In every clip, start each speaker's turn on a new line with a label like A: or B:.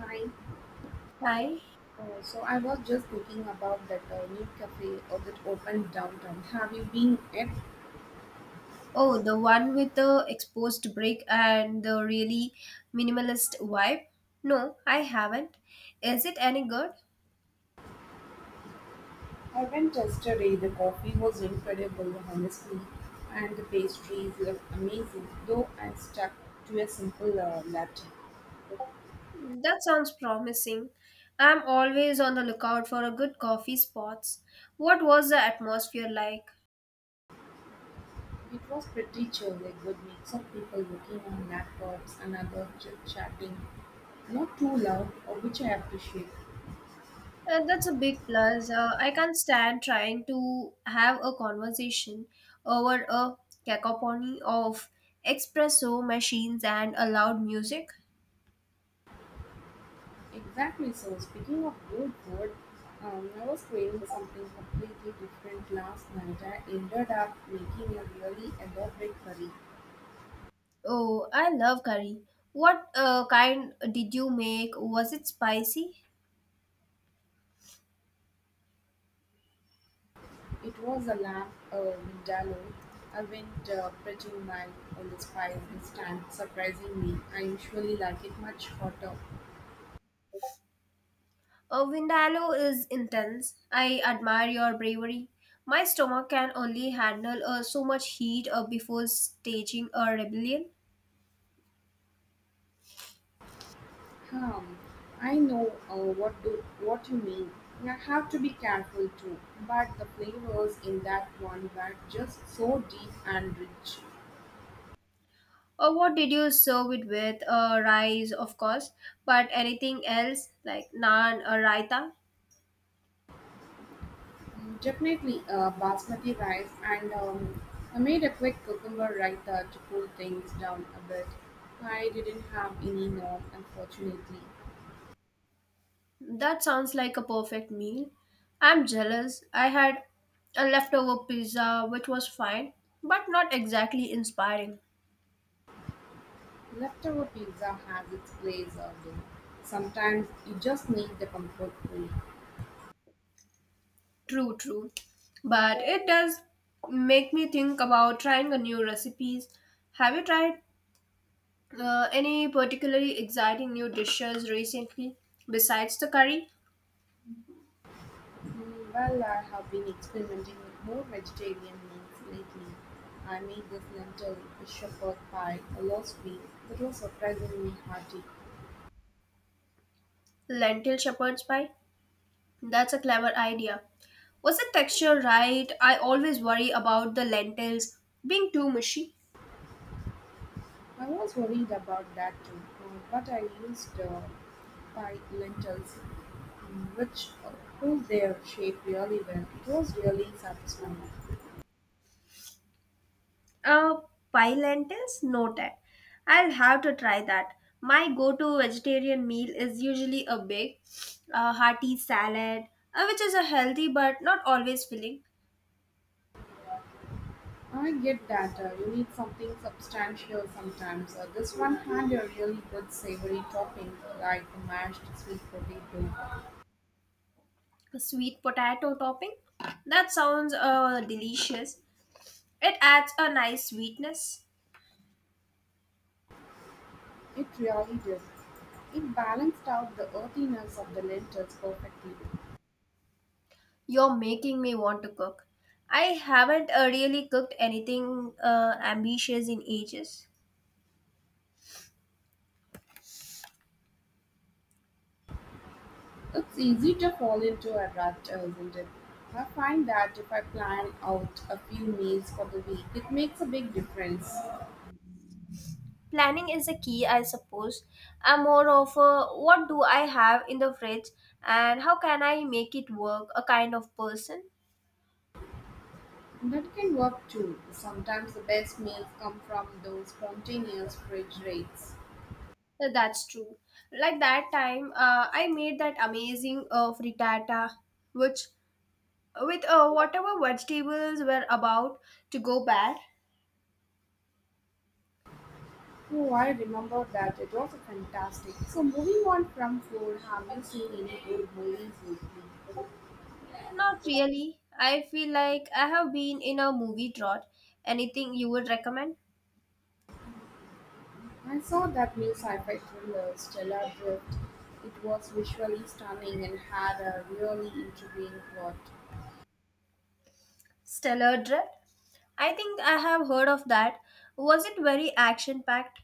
A: Hi.
B: Hi.
A: So I was just thinking about that new cafe that opened downtown. Have you been it?
B: Oh, the one with the exposed brick and the really minimalist vibe? No, I haven't. Is it any good?
A: I went yesterday. The coffee was incredible, honestly, and the pastries were amazing. Though I stuck to a simple latte.
B: That sounds promising. I'm always on the lookout for a good coffee spots. What was the atmosphere like?
A: It was pretty chill, a good mix of people working on laptops and others just chatting. Not too loud, which I appreciate.
B: That's a big plus. I can't stand trying to have a conversation over a cacophony of espresso machines and a loud music.
A: Exactly. So, speaking of good food, I was craving something completely different last night. I ended up making a really elaborate curry.
B: Oh, I love curry. What kind did you make? Was it spicy?
A: It was a lamb vindaloo. I went pretty mild on the spice this time, surprisingly. I usually like it much hotter.
B: Vindaloo is intense. I admire your bravery. My stomach can only handle so much heat before staging a rebellion.
A: Hmm. I know, what do what you mean. Yeah, I have to be careful too, but the flavors in that one were just so deep and rich.
B: Or what did you serve it with? Rice, of course, but anything else like naan or raita?
A: Definitely basmati rice, and I made a quick cucumber raita to cool things down a bit. I didn't have any norm, unfortunately.
B: That sounds like a perfect meal. I'm jealous. I had a leftover pizza which was fine, but not exactly inspiring.
A: Leftover pizza has its place out there. Sometimes you just need the comfort food.
B: True, true. But it does make me think about trying a new recipes. Have you tried any particularly exciting new dishes recently besides the curry?
A: Mm, well, I have been experimenting with more vegetarian meals lately. I made this lentil shepherd pie last week that was surprisingly hearty.
B: Lentil shepherd's pie? That's a clever idea. Was the texture right? I always worry about the lentils being too mushy.
A: I was worried about that too, but I used pie lentils, which hold their shape really well. It was really satisfying.
B: Uh, pie lentils? Noted. I'll have to try that. My go to vegetarian meal is usually a big, hearty salad, which is a healthy but not always filling,
A: I get that, you need something substantial sometimes. This one had a really good savory topping like mashed sweet potato.
B: a sweet potato topping. That sounds delicious. It adds a nice sweetness.
A: It really did. It balanced out the earthiness of the lentils perfectly.
B: You're making me want to cook. I haven't really cooked anything ambitious in ages.
A: It's easy to fall into a rut, isn't it? I find that if I plan out a few meals for the week, it makes a big difference.
B: Planning is a key, I suppose. I'm more of a what do I have in the fridge and how can I make it work a kind of person.
A: That can work too. Sometimes the best meals come from those spontaneous fridge raids.
B: That's true, like that time I made that amazing frittata which with whatever vegetables were about to go bad.
A: Oh, I remember that. It was fantastic. So, moving on from food, have you seen any good movies lately?
B: Not really. I feel like I have been in a movie drought. Anything you would recommend?
A: I saw that new sci-fi thriller, Stellar Drift. It was visually stunning and had a really intriguing plot.
B: Stellar dread, I think I have heard of that. Was it very action packed?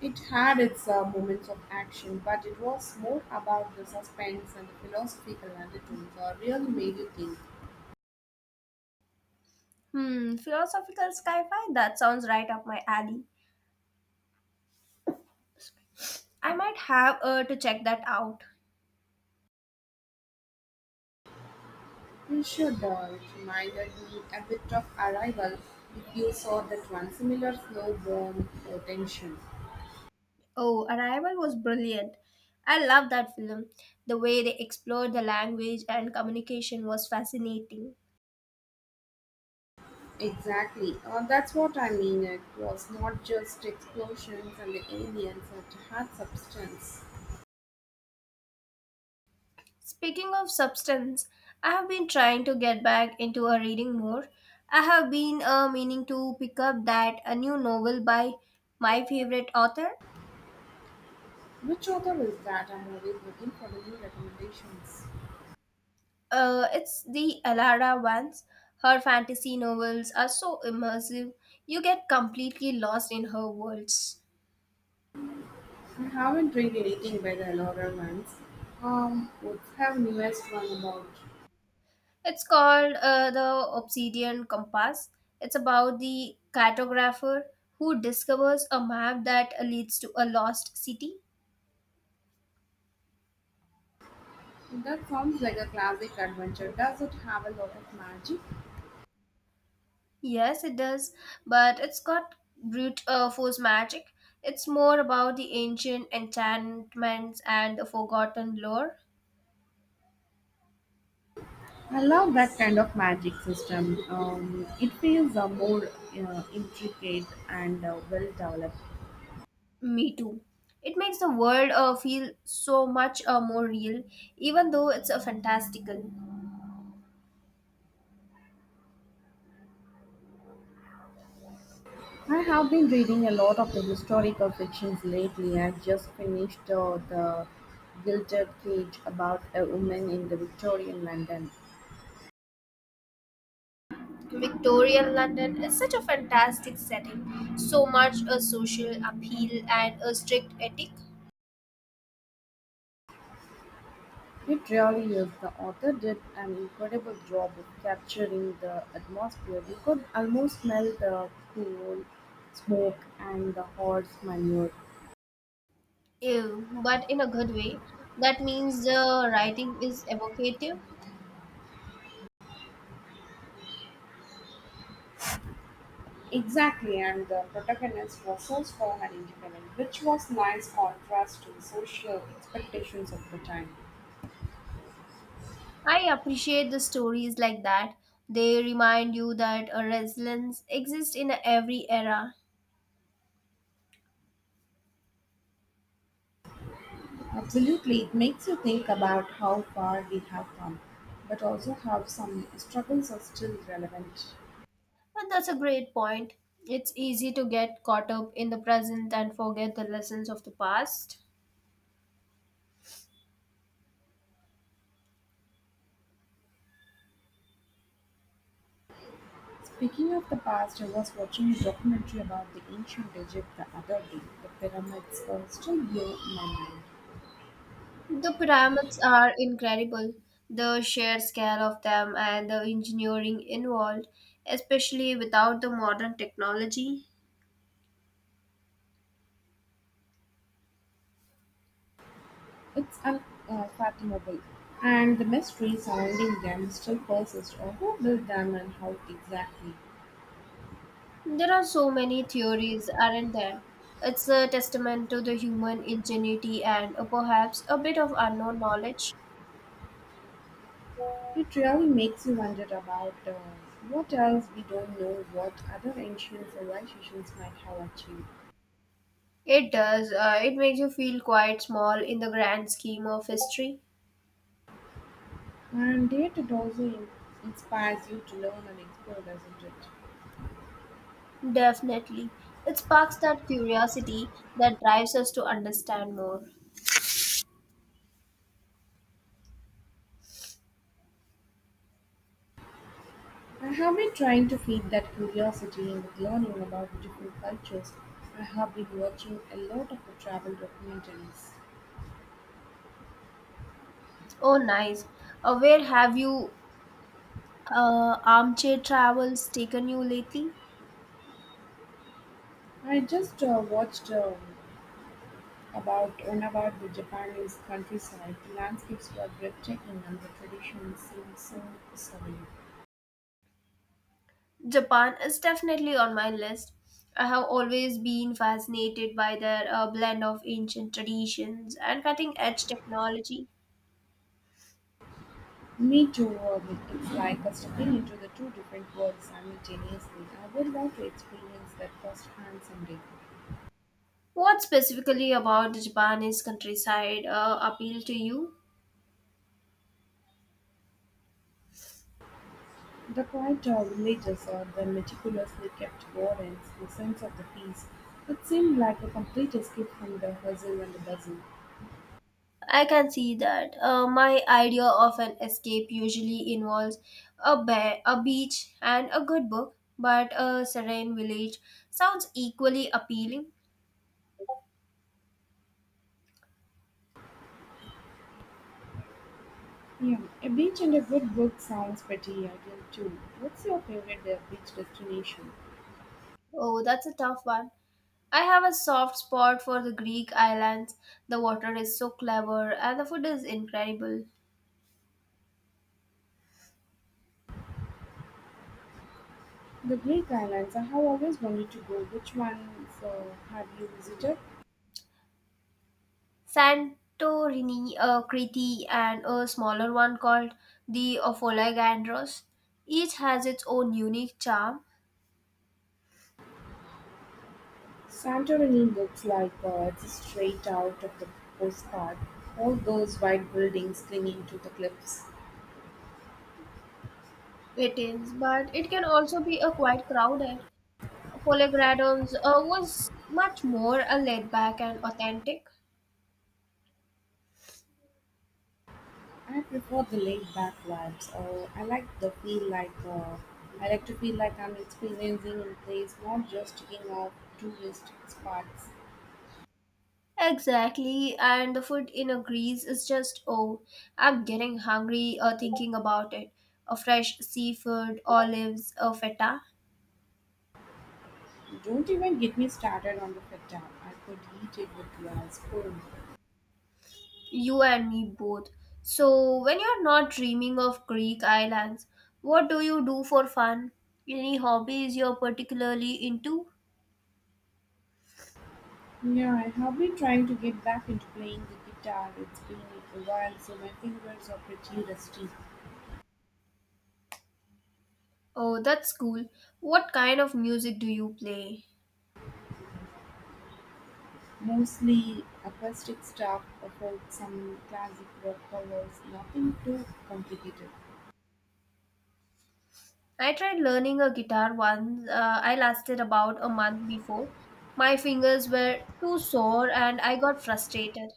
A: It had its moments of action, but it was more about the suspense and the philosophical undertones that really made you think.
B: Hmm, philosophical sci-fi? That sounds right up my alley. I might have to check that out.
A: You should, it reminded me a bit of Arrival if you saw that one, similar slow burn tension.
B: Oh, Arrival was brilliant. I love that film. The way they explored the language and communication was fascinating.
A: Exactly, that's what I mean. It was not just explosions and the aliens, it had substance.
B: Speaking of substance, I have been trying to get back into a reading more. I have been meaning to pick up that a new novel by my favorite author.
A: Which author is that? I'm always looking for the new recommendations.
B: It's the Alara ones. Her fantasy novels are so immersive, you get completely lost in her worlds.
A: I haven't read anything by the Laura Vance. What's her newest one about?
B: It's called The Obsidian Compass. It's about the cartographer who discovers a map that leads to a lost city.
A: That sounds like a classic adventure. Does it have a lot of magic?
B: Yes, it does, but it's got brute force magic. It's more about the ancient enchantments and the forgotten lore.
A: I love that kind of magic system. It feels more intricate and well developed.
B: Me too. It makes the world feel so much more real, even though it's a fantastical.
A: I have been reading a lot of the historical fictions lately. I just finished the Gilded Cage about a woman in the Victorian London.
B: Victorian London is such a fantastic setting, so much a social appeal and a strict ethic.
A: It really is. The author did an incredible job of capturing the atmosphere. You could almost smell the coal, smoke, and the horse manure.
B: Ew, but in a good way. That means the writing is evocative.
A: Exactly, and the protagonist was so strong and independent, which was nice contrast to the social expectations of the time.
B: I appreciate the stories like that. They remind you that a resilience exists in every era.
A: Absolutely, it makes you think about how far we have come, but also how some struggles are still relevant.
B: And that's a great point. It's easy to get caught up in the present and forget the lessons of the past.
A: Speaking of the past, I was watching a documentary about the ancient Egypt the other day. The pyramids still blow my mind.
B: The pyramids are incredible. The sheer scale of them and the engineering involved, especially without the modern technology.
A: It's unfathomable. And the mystery surrounding them still persists. Who built them and how exactly?
B: There are so many theories, aren't there? It's a testament to the human ingenuity and perhaps a bit of unknown knowledge.
A: It really makes you wonder about what else we don't know, what other ancient civilizations might have achieved.
B: It does. It makes you feel quite small in the grand scheme of history.
A: And yet it also inspires you to learn and explore, doesn't it?
B: Definitely. It sparks that curiosity that drives us to understand more.
A: I have been trying to feed that curiosity with learning about different cultures. I have been watching a lot of the travel documentaries.
B: Oh, nice. Where have you armchair travels taken you lately?
A: I just watched about one about the Japanese countryside. The landscapes were breathtaking and the tradition seemed so serene.
B: Japan is definitely on my list. I have always been fascinated by their blend of ancient traditions and cutting edge technology.
A: Me too, it's like stepping into the two different worlds simultaneously. I would love to experience that firsthand someday.
B: What specifically about the Japanese countryside appealed to you?
A: The quiet villages or the meticulously kept gardens, the sense of the peace, it seemed like a complete escape from the hustle and the bustle.
B: I can see that. My idea of an escape usually involves a bear, a beach, and a good book, but a serene village sounds equally appealing.
A: Yeah, a beach and a good book sounds pretty ideal too. What's your favorite beach destination?
B: Oh, that's a tough one. I have a soft spot for the Greek islands. The water is so clever and the food is incredible.
A: The Greek islands. I have always wanted to go. Which ones have you visited?
B: Santorini, Crete, and a smaller one called the Ophiologandros. Each has its own unique charm.
A: Santorini looks like it's straight out of the postcard. All those white buildings clinging to the cliffs.
B: It is, but it can also be a quite crowded. Polygradiums was much more a laid back and authentic.
A: I prefer the laid back vibes. I like to feel like I'm experiencing a place, not just checking out tourist spots.
B: Exactly, and the food in a Greece is just oh, I'm getting hungry thinking about it. A fresh seafood, olives, a feta,
A: Don't even get me started on the feta. I could eat it with glass spoon.
B: you and me both. So when you're not dreaming of Greek islands, what do you do for fun? Any hobbies you're particularly into?
A: Yeah, I have been trying to get back into playing the guitar. It's been a while, so my fingers are pretty rusty.
B: Oh, that's cool. What kind of music do you play?
A: Mostly acoustic stuff, about some classic rock covers, nothing too complicated.
B: I tried learning a guitar once. I lasted about a month before. My fingers were too sore and I got frustrated.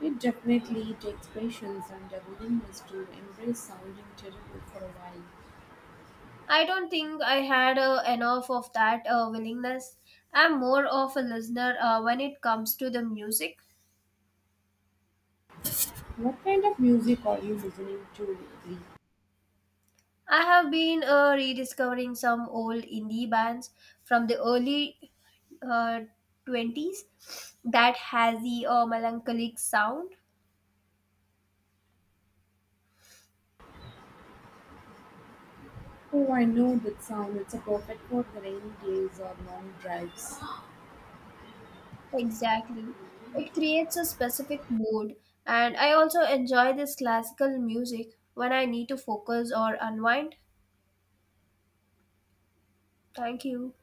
A: It definitely takes patience and a willingness to embrace sounding terrible for a while.
B: I don't think I had enough of that willingness. I'm more of a listener when it comes to the music.
A: What kind of music are you listening to lately?
B: I have been rediscovering some old indie bands from the early uh, 20s that has the melancholic sound.
A: Oh, I know that sound. It's a perfect for the rainy days or long drives.
B: Exactly. It creates a specific mood, and I also enjoy this classical music when I need to focus or unwind. Thank you.